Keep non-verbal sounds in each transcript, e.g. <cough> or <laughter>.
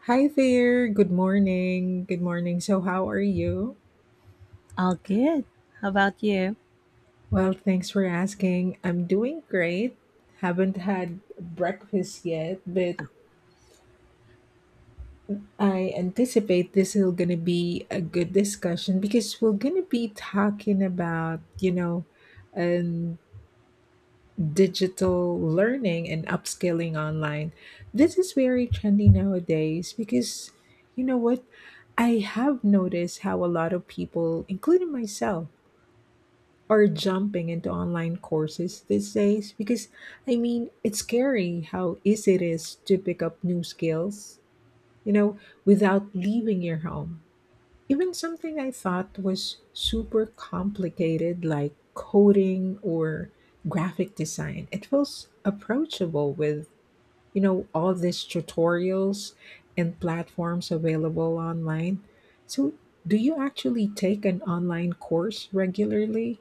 Hi there. Good morning. Good morning. So, how are you? All good. How about you? Well, thanks for asking. I'm doing great. Haven't had breakfast yet, but I anticipate this is going to be a good discussion because we're going to be talking about, um, digital learning and upskilling online. This is very trendy nowadays because, you know what? I have noticed how a lot of people, including myself, are jumping into online courses these days because I mean, it's scary how easy it is to pick up new skills, you know, without leaving your home. Even something I thought was super complicated, like coding or graphic design, it feels approachable with, all these tutorials and platforms available online. So, do you actually take an online course regularly?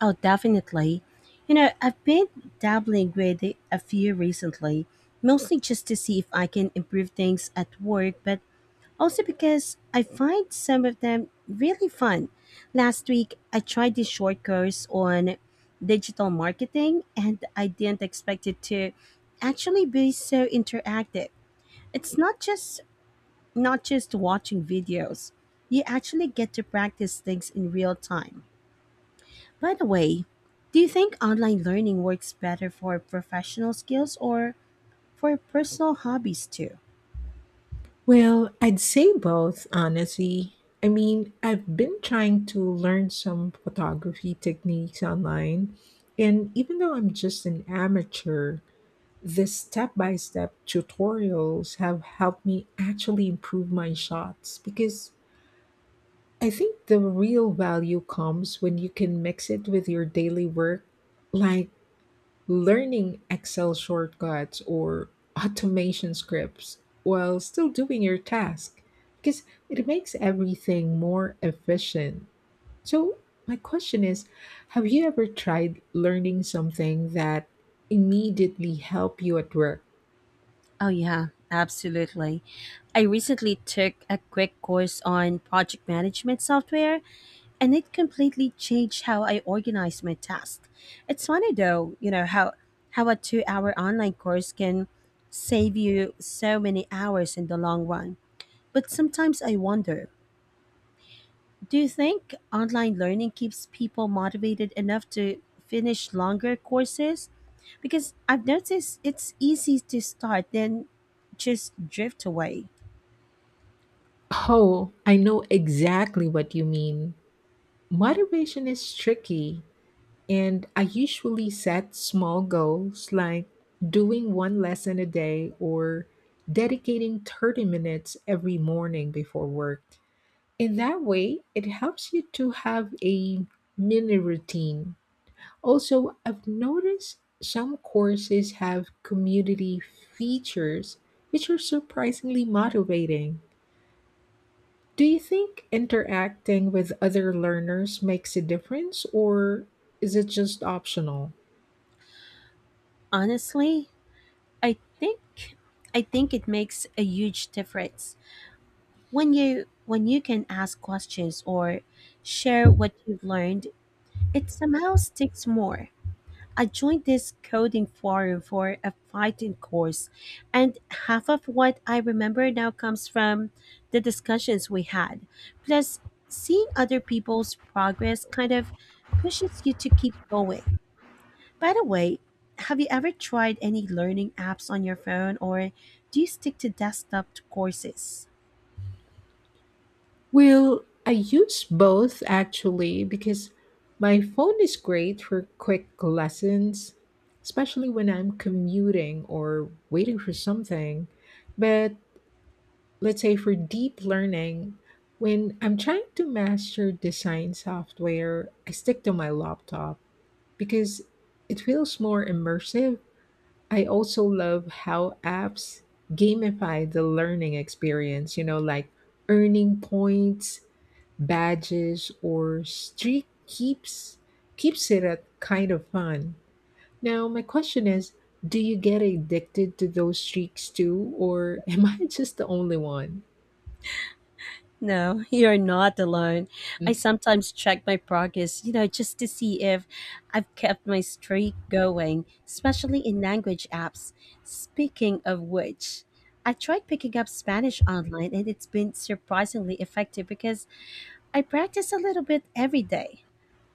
Oh, definitely. I've been dabbling with a few recently, mostly just to see if I can improve things at work, but also because I find some of them really fun. Last week, I tried this short course on digital marketing, and I didn't expect it to actually be so interactive. It's not just watching videos. You actually get to practice things in real time. By the way, do you think online learning works better for professional skills or for personal hobbies too? Well, I'd say both, honestly. I mean, I've been trying to learn some photography techniques online, and even though I'm just an amateur, the step by step tutorials have helped me actually improve my shots because I think the real value comes when you can mix it with your daily work, like learning Excel shortcuts or automation scripts while still doing your task because it makes everything more efficient. So, my question is, have you ever tried learning something that immediately helped you at work? Oh, yeah, absolutely. I recently took a quick course on project management software, and it completely changed how I organize my tasks. It's funny though, how a 2-hour online course can save you so many hours in the long run. But sometimes I wonder, do you think online learning keeps people motivated enough to finish longer courses? Because I've noticed it's easy to start, then just drift away. Oh, I know exactly what you mean. Motivation is tricky. And I usually set small goals like doing one lesson a day or dedicating 30 minutes every morning before work. In that way, it helps you to have a mini routine. Also, I've noticed some courses have community features which are surprisingly motivating. Do you think interacting with other learners makes a difference or is it just optional? Honestly, I think I think it makes a huge difference. When you can ask questions or share what you've learned, it somehow sticks more. I joined this coding forum for a fighting course, and half of what I remember now comes from the discussions we had. Plus, seeing other people's progress kind of pushes you to keep going. By the way, have you ever tried any learning apps on your phone, or do you stick to desktop courses? Well, I use both actually because my phone is great for quick lessons, especially when I'm commuting or waiting for something. But let's say for deep learning, when I'm trying to master design software, I stick to my laptop because it feels more immersive. I also love how apps gamify the learning experience, you know, like earning points, badges or streak keeps it at kind of fun. Now, my question is, do you get addicted to those streaks too, or <laughs> am I just the only one? No, you're not alone. I Mm. sometimes check my progress, just to see if I've kept my streak going, especially in language apps. Speaking of which, I tried picking up Spanish online and it's been surprisingly effective because I practice a little bit every day.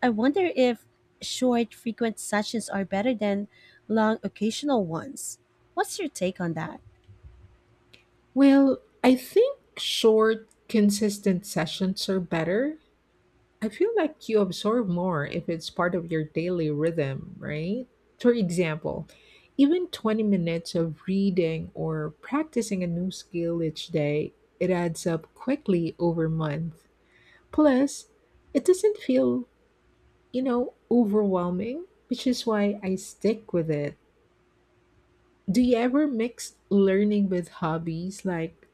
I wonder if short, frequent sessions are better than long, occasional ones. What's your take on that? Well, I think short, consistent sessions are better. I feel like you absorb more if it's part of your daily rhythm, right? For example, even 20 minutes of reading or practicing a new skill each day, it adds up quickly over month. Plus, it doesn't feel, overwhelming, which is why I stick with it. Do you ever mix learning with hobbies like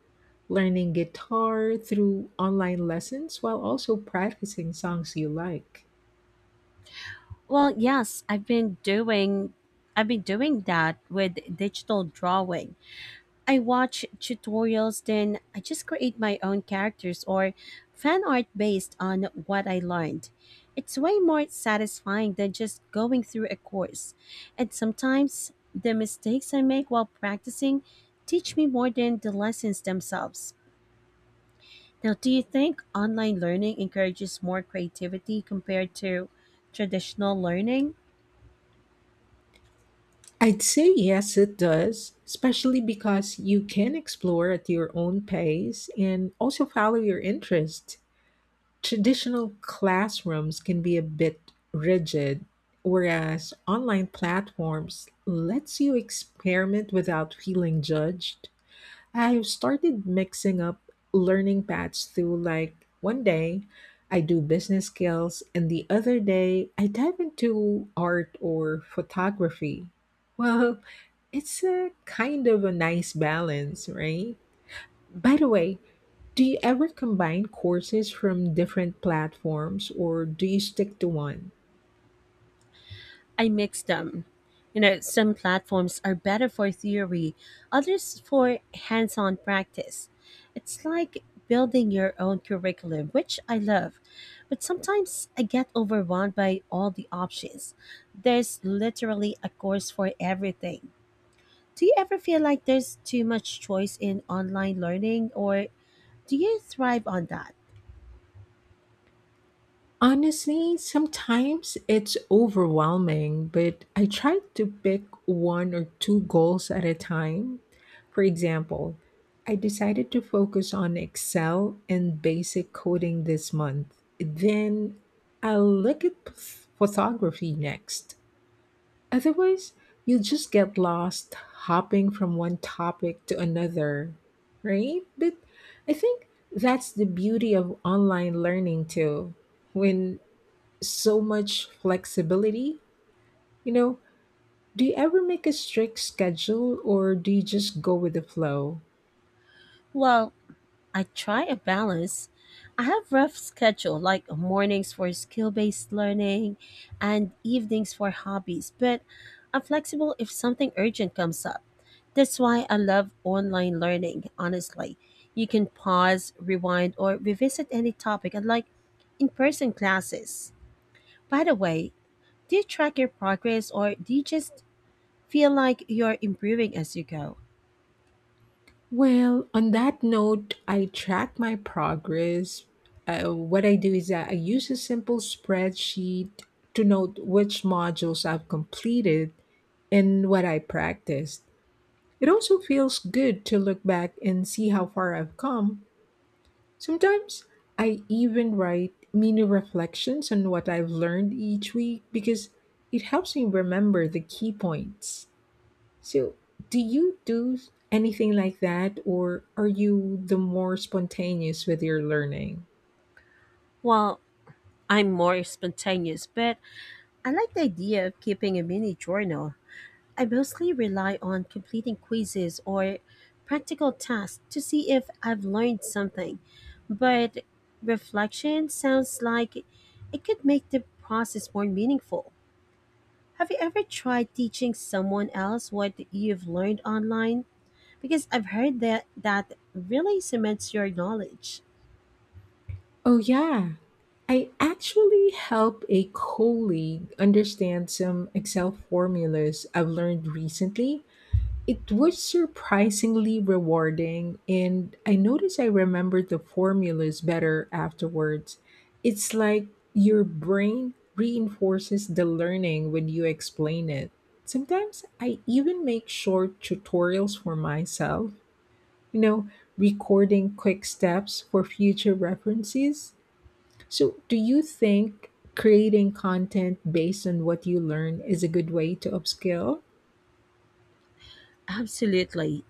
learning guitar through online lessons while also practicing songs you like? Well, yes, I've been doing that with digital drawing. I watch tutorials then I just create my own characters or fan art based on what I learned. It's way more satisfying than just going through a course. And sometimes the mistakes I make while practicing teach me more than the lessons themselves. Now, do you think online learning encourages more creativity compared to traditional learning? I'd say yes, it does, especially because you can explore at your own pace and also follow your interest. Traditional classrooms can be a bit rigid, whereas online platforms lets you experiment without feeling judged. I've started mixing up learning paths through like one day I do business skills and the other day I dive into art or photography. Well, it's a kind of a nice balance, right? By the way, do you ever combine courses from different platforms or do you stick to one? I mix them. Some platforms are better for theory, others for hands on practice. It's like building your own curriculum, which I love. But sometimes I get overwhelmed by all the options. There's literally a course for everything. Do you ever feel like there's too much choice in online learning, or do you thrive on that? Honestly, sometimes it's overwhelming, but I try to pick one or two goals at a time. For example, I decided to focus on Excel and basic coding this month. Then I'll look at photography next. Otherwise, you'll just get lost hopping from one topic to another, right? But I think that's the beauty of online learning too, when so much flexibility. You know, do you ever make a strict schedule or do you just go with the flow? Well, I try a balance. I have rough schedule like mornings for skill-based learning and evenings for hobbies, but I'm flexible if something urgent comes up. That's why I love online learning, honestly. You can pause, rewind, or revisit any topic unlike in-person classes. By the way, do you track your progress or do you just feel like you're improving as you go? Well, on that note, I track my progress. What I do is that I use a simple spreadsheet to note which modules I've completed and what I practiced. It also feels good to look back and see how far I've come. Sometimes I even write mini reflections on what I've learned each week because it helps me remember the key points. So, do you do anything like that, or are you the more spontaneous with your learning? Well, I'm more spontaneous, but I like the idea of keeping a mini journal. I mostly rely on completing quizzes or practical tasks to see if I've learned something, but reflection sounds like it could make the process more meaningful. Have you ever tried teaching someone else what you've learned online? Because I've heard that that really cements your knowledge. Oh, yeah. I actually help a colleague understand some Excel formulas I've learned recently. It was surprisingly rewarding, and I noticed I remembered the formulas better afterwards. It's like your brain reinforces the learning when you explain it. Sometimes I even make short tutorials for myself, you know, recording quick steps for future references. So, do you think creating content based on what you learn is a good way to upskill? Absolutely.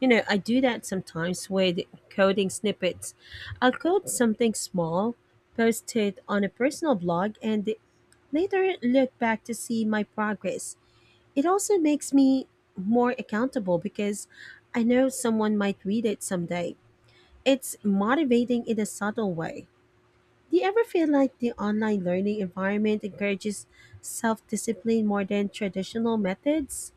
I do that sometimes with coding snippets. I'll code something small, post it on a personal blog, and later look back to see my progress. It also makes me more accountable because I know someone might read it someday. It's motivating in a subtle way. Do you ever feel like the online learning environment encourages self discipline more than traditional methods?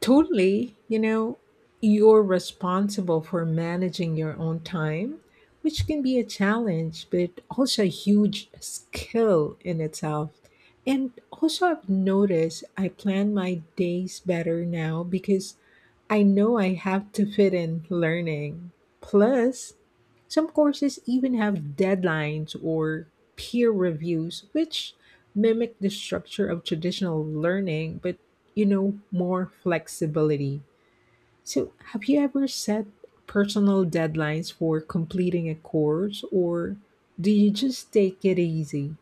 Totally. You know, you're responsible for managing your own time, which can be a challenge, but also a huge skill in itself. And also, I've noticed I plan my days better now because I know I have to fit in learning. Plus, some courses even have deadlines or peer reviews, which mimic the structure of traditional learning, but you know, more flexibility. So, have you ever set personal deadlines for completing a course, or do you just take it easy?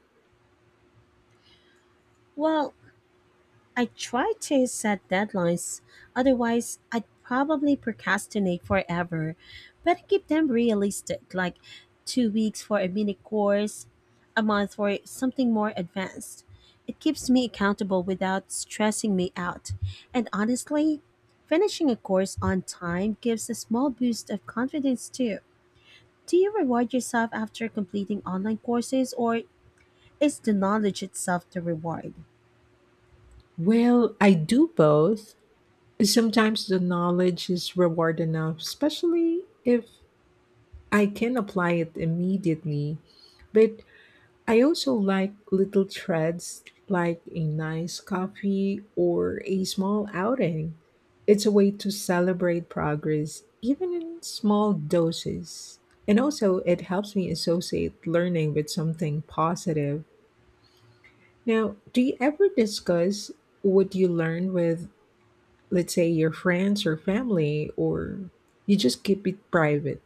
Well, I try to set deadlines, otherwise, I'd probably procrastinate forever. But I keep them realistic, like 2 weeks for a mini course, a month for something more advanced. It keeps me accountable without stressing me out. And honestly, finishing a course on time gives a small boost of confidence too. Do you reward yourself after completing online courses, or is the knowledge itself the reward? Well, I do both. Sometimes the knowledge is reward enough, especially if I can apply it immediately. But I also like little treats like a nice coffee or a small outing. It's a way to celebrate progress, even in small doses. And also, it helps me associate learning with something positive. Now, do you ever discuss what you learned with, let's say, your friends or family, or you just keep it private?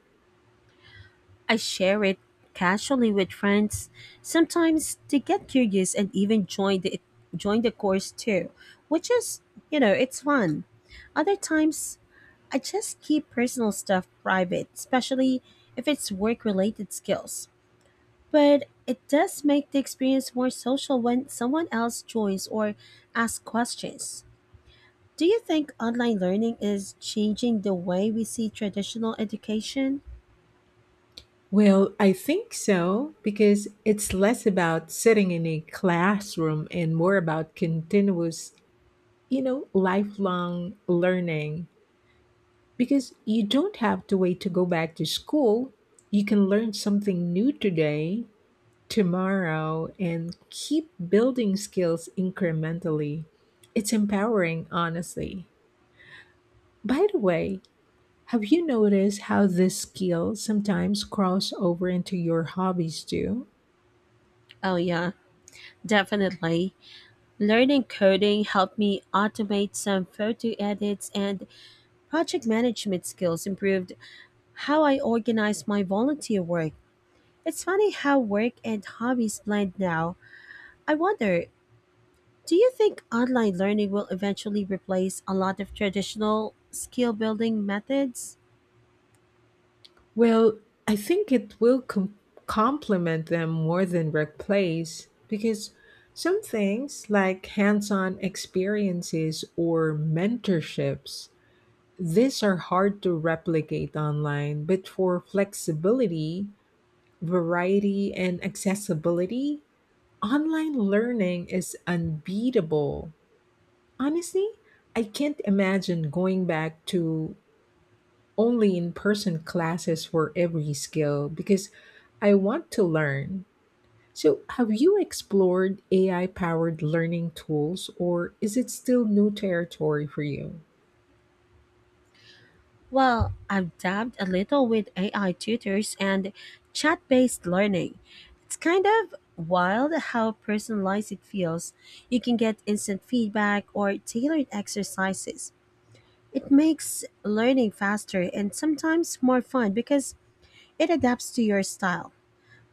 I share it casually with friends. Sometimes they get curious and even join the course too, which is, it's fun. Other times, I just keep personal stuff private, especially if it's work-related skills. But it does make the experience more social when someone else joins or asks questions. Do you think online learning is changing the way we see traditional education? Well, I think so because it's less about sitting in a classroom and more about continuous, lifelong learning. Because you don't have to wait to go back to school. You can learn something new today, tomorrow, and keep building skills incrementally. It's empowering, honestly. By the way, have you noticed how this skill sometimes cross over into your hobbies too? Oh, yeah, definitely. Learning coding helped me automate some photo edits, and project management skills improved how I organize my volunteer work. It's funny how work and hobbies blend now. I wonder, do you think online learning will eventually replace a lot of traditional skill building methods? Well, I think it will complement them more than replace because some things like hands-on experiences or mentorships, these are hard to replicate online, but for flexibility, variety and accessibility, online learning is unbeatable. Honestly, I can't imagine going back to only in person classes for every skill because I want to learn. So, have you explored AI powered learning tools or is it still new territory for you? Well, I've dabbed a little with AI tutors and chat based learning. It's kind of wild how personalized it feels. You can get instant feedback or tailored exercises. It makes learning faster and sometimes more fun because it adapts to your style.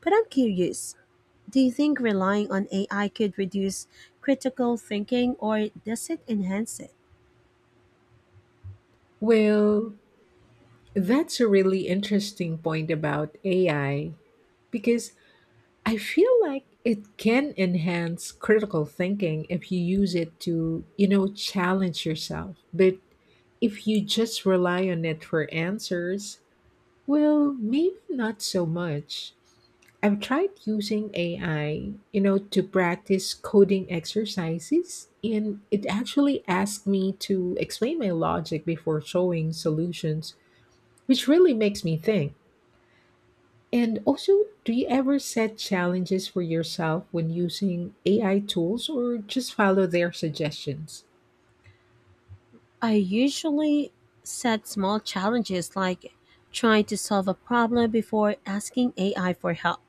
But I'm curious, do you think relying on AI could reduce critical thinking or does it enhance it? Well, that's a really interesting point about AI because I feel like it can enhance critical thinking if you use it to, challenge yourself. But if you just rely on it for answers, well, maybe not so much. I've tried using AI, to practice coding exercises, and it actually asked me to explain my logic before showing solutions, which really makes me think. And also, do you ever set challenges for yourself when using AI tools or just follow their suggestions? I usually set small challenges like trying to solve a problem before asking AI for help.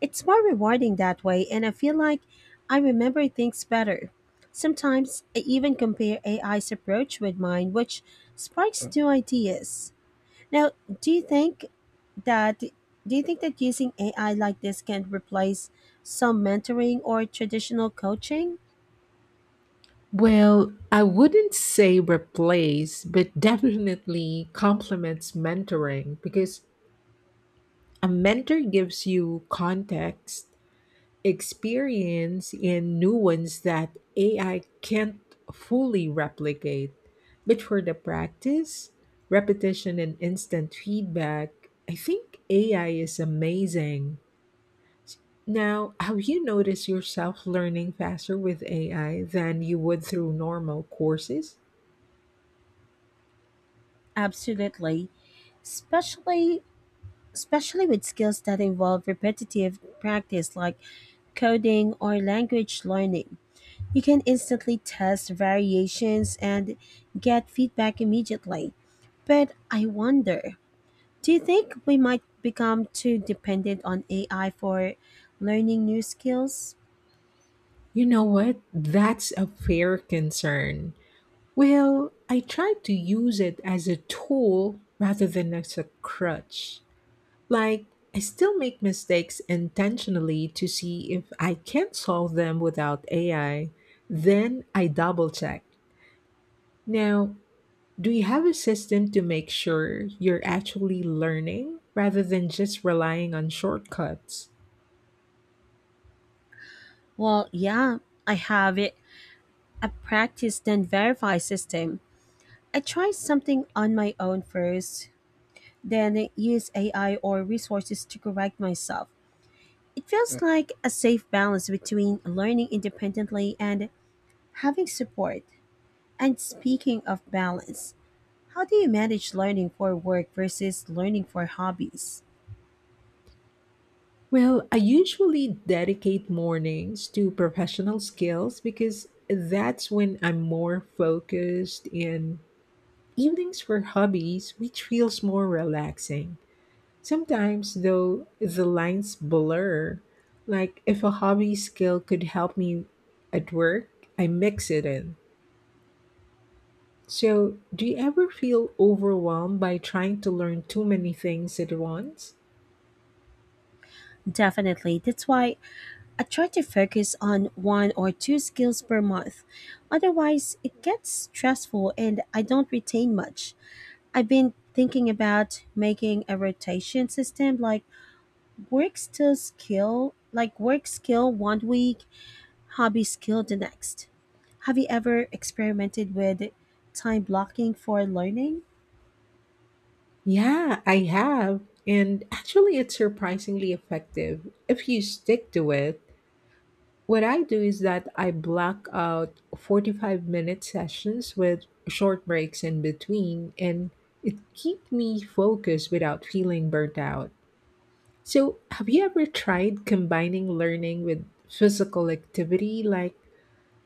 It's more rewarding that way, and I feel like I remember things better. Sometimes I even compare AI's approach with mine, which sparks new ideas. Now, do you think that do you think that using AI like this can replace some mentoring or traditional coaching? Well, I wouldn't say replace, but definitely complements mentoring because a mentor gives you context, experience, and nuance that AI can't fully replicate. But for the practice, repetition, and instant feedback, I think AI is amazing. Now, have you noticed yourself learning faster with AI than you would through normal courses? Absolutely, especially especially with skills that involve repetitive practice like coding or language learning. You can instantly test variations and get feedback immediately. But I wonder, do you think we might become too dependent on AI for learning new skills? You know what? That's a fair concern. Well, I try to use it as a tool rather than as a crutch. Like, I still make mistakes intentionally to see if I can solve them without AI. Then I double check. Now, do you have a system to make sure you're actually learning rather than just relying on shortcuts? Well, yeah, I have it. A practice then verify system. I try something on my own first, then use AI or resources to correct myself. It feels like a safe balance between learning independently and having support. And speaking of balance, how do you manage learning for work versus learning for hobbies? Well, I usually dedicate mornings to professional skills because that's when I'm more focused, and evenings for hobbies, which feels more relaxing. Sometimes, though, the lines blur. Like, if a hobby skill could help me at work, I mix it in. So, do you ever feel overwhelmed by trying to learn too many things at once? Definitely. That's why I try to focus on one or two skills per month. Otherwise, it gets stressful and I don't retain much. I've been thinking about making a rotation system like work still skill, like work skill one week, hobby skill the next. Have you ever experimented with time blocking for learning? Yeah, I have. And actually, it's surprisingly effective if you stick to it. What I do is that I block out 45-minute sessions with short breaks in between, and it keeps me focused without feeling burnt out. So, have you ever tried combining learning with physical activity like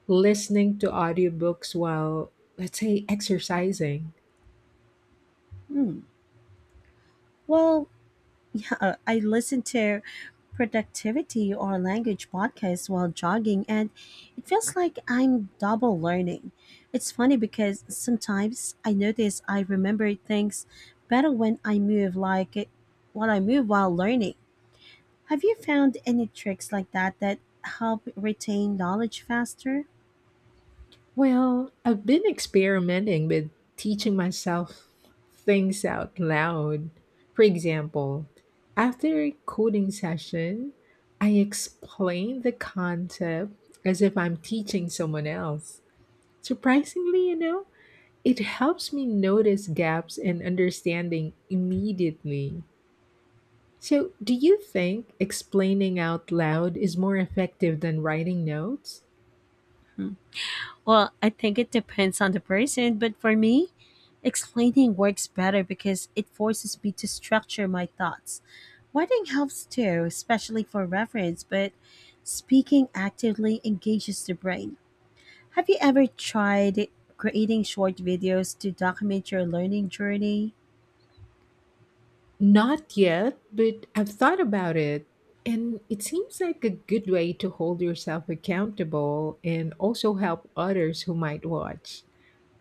listening to audiobooks while, let's say, exercising? Hmm. Well, <laughs> I listen to productivity or language podcasts while jogging, and it feels like I'm double learning. It's funny because sometimes I notice I remember things better when I move, when I move while learning. Have you found any tricks like that that help retain knowledge faster? Well, I've been experimenting with teaching myself things out loud. For example, after a coding session, I explain the concept as if I'm teaching someone else. Surprisingly, you know, it helps me notice gaps in understanding immediately. So, do you think explaining out loud is more effective than writing notes? Well, I think it depends on the person, but for me, explaining works better because it forces me to structure my thoughts. Writing helps too, especially for reference, but speaking actively engages the brain. Have you ever tried creating short videos to document your learning journey? Not yet, but I've thought about it. And it seems like a good way to hold yourself accountable and also help others who might watch.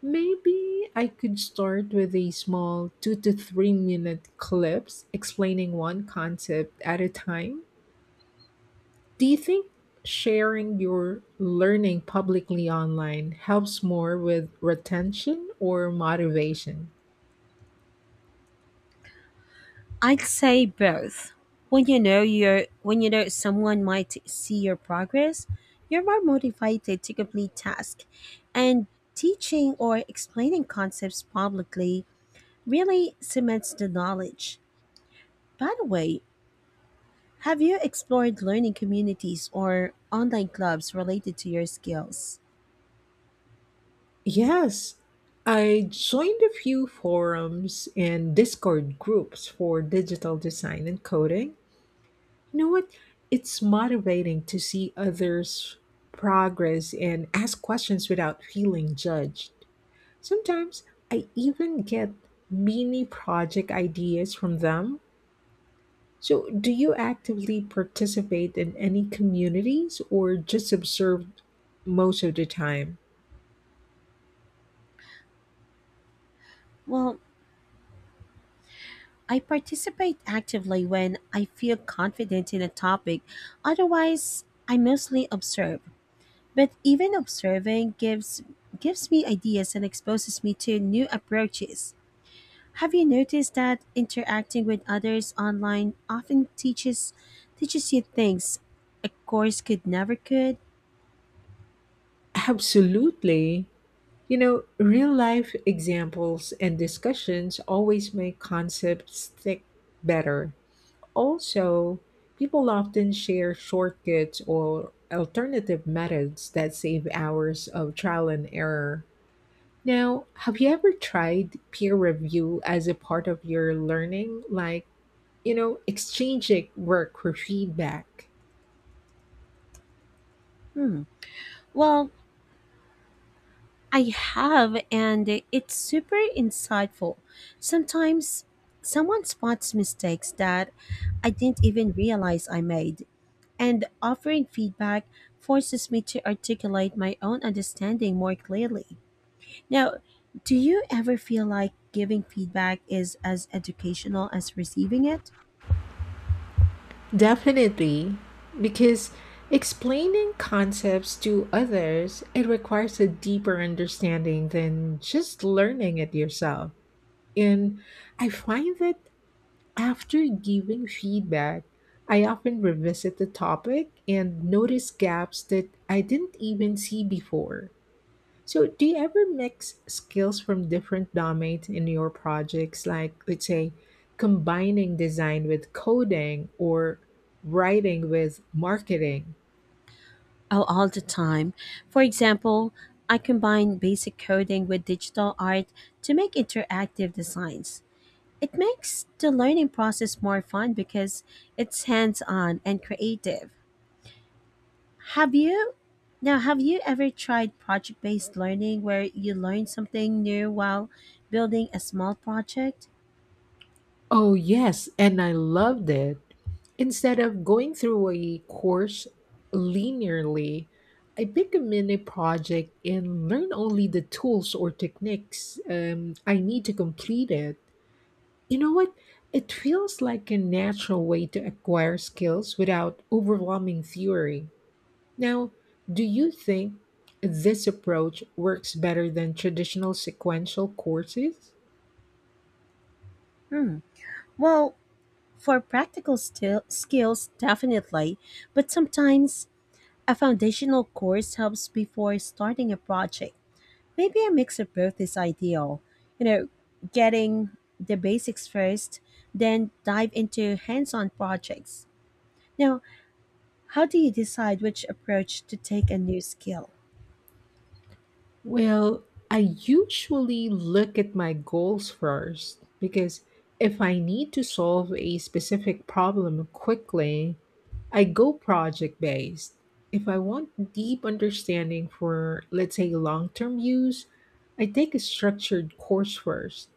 Maybe I could start with a small 2 to 3 minute clips explaining one concept at a time. Do you think sharing your learning publicly online helps more with retention or motivation? I'd say both. When you know someone might see your progress, you're more motivated to complete tasks. And teaching or explaining concepts publicly really cements the knowledge. By the way, have you explored learning communities or online clubs related to your skills? Yes, I joined a few forums and Discord groups for digital design and coding. You know what? It's motivating to see others' progress and ask questions without feeling judged. Sometimes I even get mini project ideas from them. So, do you actively participate in any communities or just observe most of the time? Well, I participate actively when I feel confident in a topic. Otherwise, I mostly observe. But even observing gives me ideas and exposes me to new approaches. Have you noticed that interacting with others online often teaches you things a course could never could? Absolutely. You know, real life examples and discussions always make concepts stick better. Also, people often share shortcuts or alternative methods that save hours of trial and error. Now, have you ever tried peer review as a part of your learning? Like, you know, exchanging work for feedback? Hmm. Well, I have and it's super insightful. Sometimes someone spots mistakes that I didn't even realize I made, and offering feedback forces me to articulate my own understanding more clearly. Now, do you ever feel like giving feedback is as educational as receiving it? Definitely, because explaining concepts to others, it requires a deeper understanding than just learning it yourself. And I find that after giving feedback, I often revisit the topic and notice gaps that I didn't even see before. So, do you ever mix skills from different domains in your projects, like let's say combining design with coding or writing with marketing? Oh, all the time. For example, I combine basic coding with digital art to make interactive designs. It makes the learning process more fun because it's hands on and creative. Have you? Now, have you ever tried project based learning where you learn something new while building a small project? Oh, yes, and I loved it. Instead of going through a course linearly, I pick a mini project and learn only the tools or techniques I need to complete it. You know what? It feels like a natural way to acquire skills without overwhelming theory. Now, do you think this approach works better than traditional sequential courses? Hmm. Well, for practical still skills, definitely, but sometimes a foundational course helps before starting a project. Maybe a mix of both is ideal. You know, getting the basics first, then dive into hands on projects. Now, how do you decide which approach to take a new skill? Well, I usually look at my goals first because if I need to solve a specific problem quickly, I go project based. If I want deep understanding for, let's say, long term use, I take a structured course first.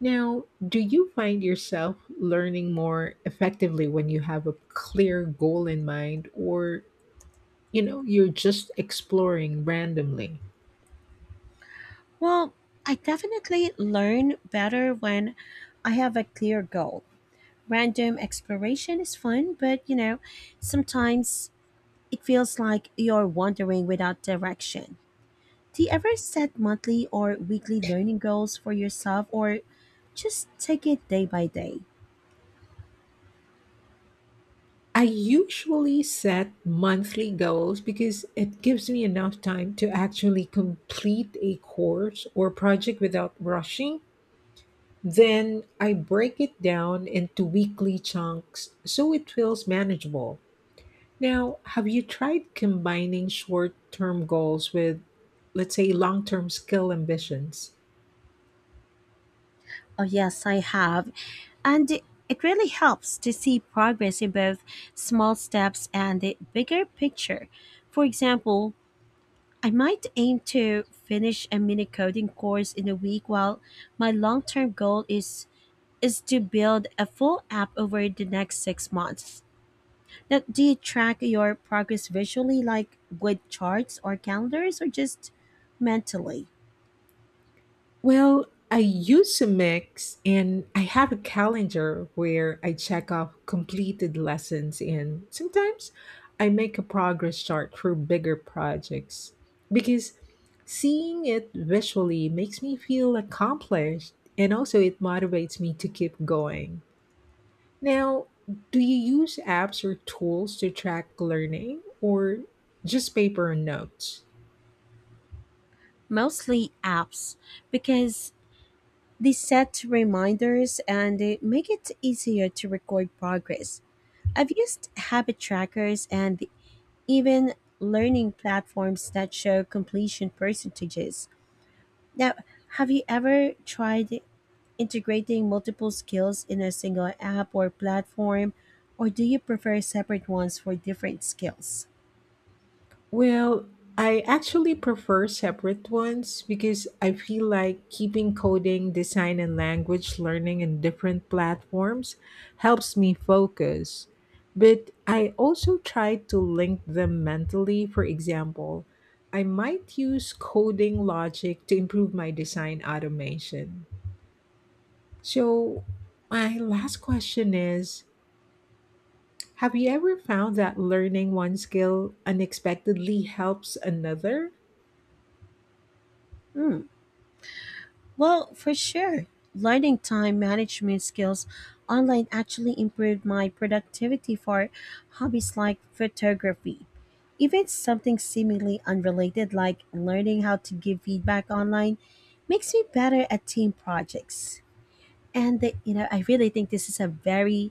Now, do you find yourself learning more effectively when you have a clear goal in mind or, you know, you're just exploring randomly? Well, I definitely learn better when I have a clear goal. Random exploration is fun, but sometimes it feels like you're wandering without direction. Do you ever set monthly or weekly learning goals for yourself or just take it day by day? I usually set monthly goals because it gives me enough time to actually complete a course or project without rushing. Then I break it down into weekly chunks so it feels manageable. Now, have you tried combining short term goals with, let's say, long term skill ambitions? Oh, yes, I have. And it really helps to see progress in both small steps and the bigger picture. For example, I might aim to finish a mini coding course in a week while my long-term goal is to build a full app over the next 6 months. Now, do you track your progress visually, like with charts or calendars, or just mentally? Well, I use a mix and I have a calendar where I check off completed lessons and sometimes I make a progress chart for bigger projects because seeing it visually makes me feel accomplished and also it motivates me to keep going. Now, do you use apps or tools to track learning or just paper and notes? Mostly apps, because they set reminders and they make it easier to record progress. I've used habit trackers and even learning platforms that show completion percentages. Now, have you ever tried integrating multiple skills in a single app or platform, or do you prefer separate ones for different skills? Well, I actually prefer separate ones because I feel like keeping coding, design, and language learning in different platforms helps me focus. But I also try to link them mentally. For example, I might use coding logic to improve my design automation. So, my last question is, have you ever found that learning one skill unexpectedly helps another? Hmm. Well, for sure, learning time management skills online actually improved my productivity for hobbies like photography. Even something seemingly unrelated like learning how to give feedback online makes me better at team projects. And they, I really think this is a very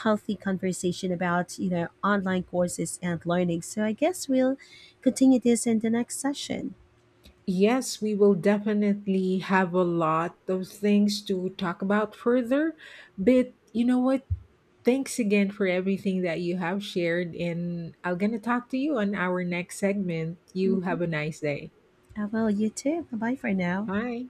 healthy conversation about online courses and learning, so I guess we'll continue this in the next session. Yes, we will definitely have a lot of things to talk about further. But you know what? Thanks again for everything that you have shared. And I'm going to talk to you on our next segment. You Hmm, have a nice day. I will. You too. Bye bye for now. Bye.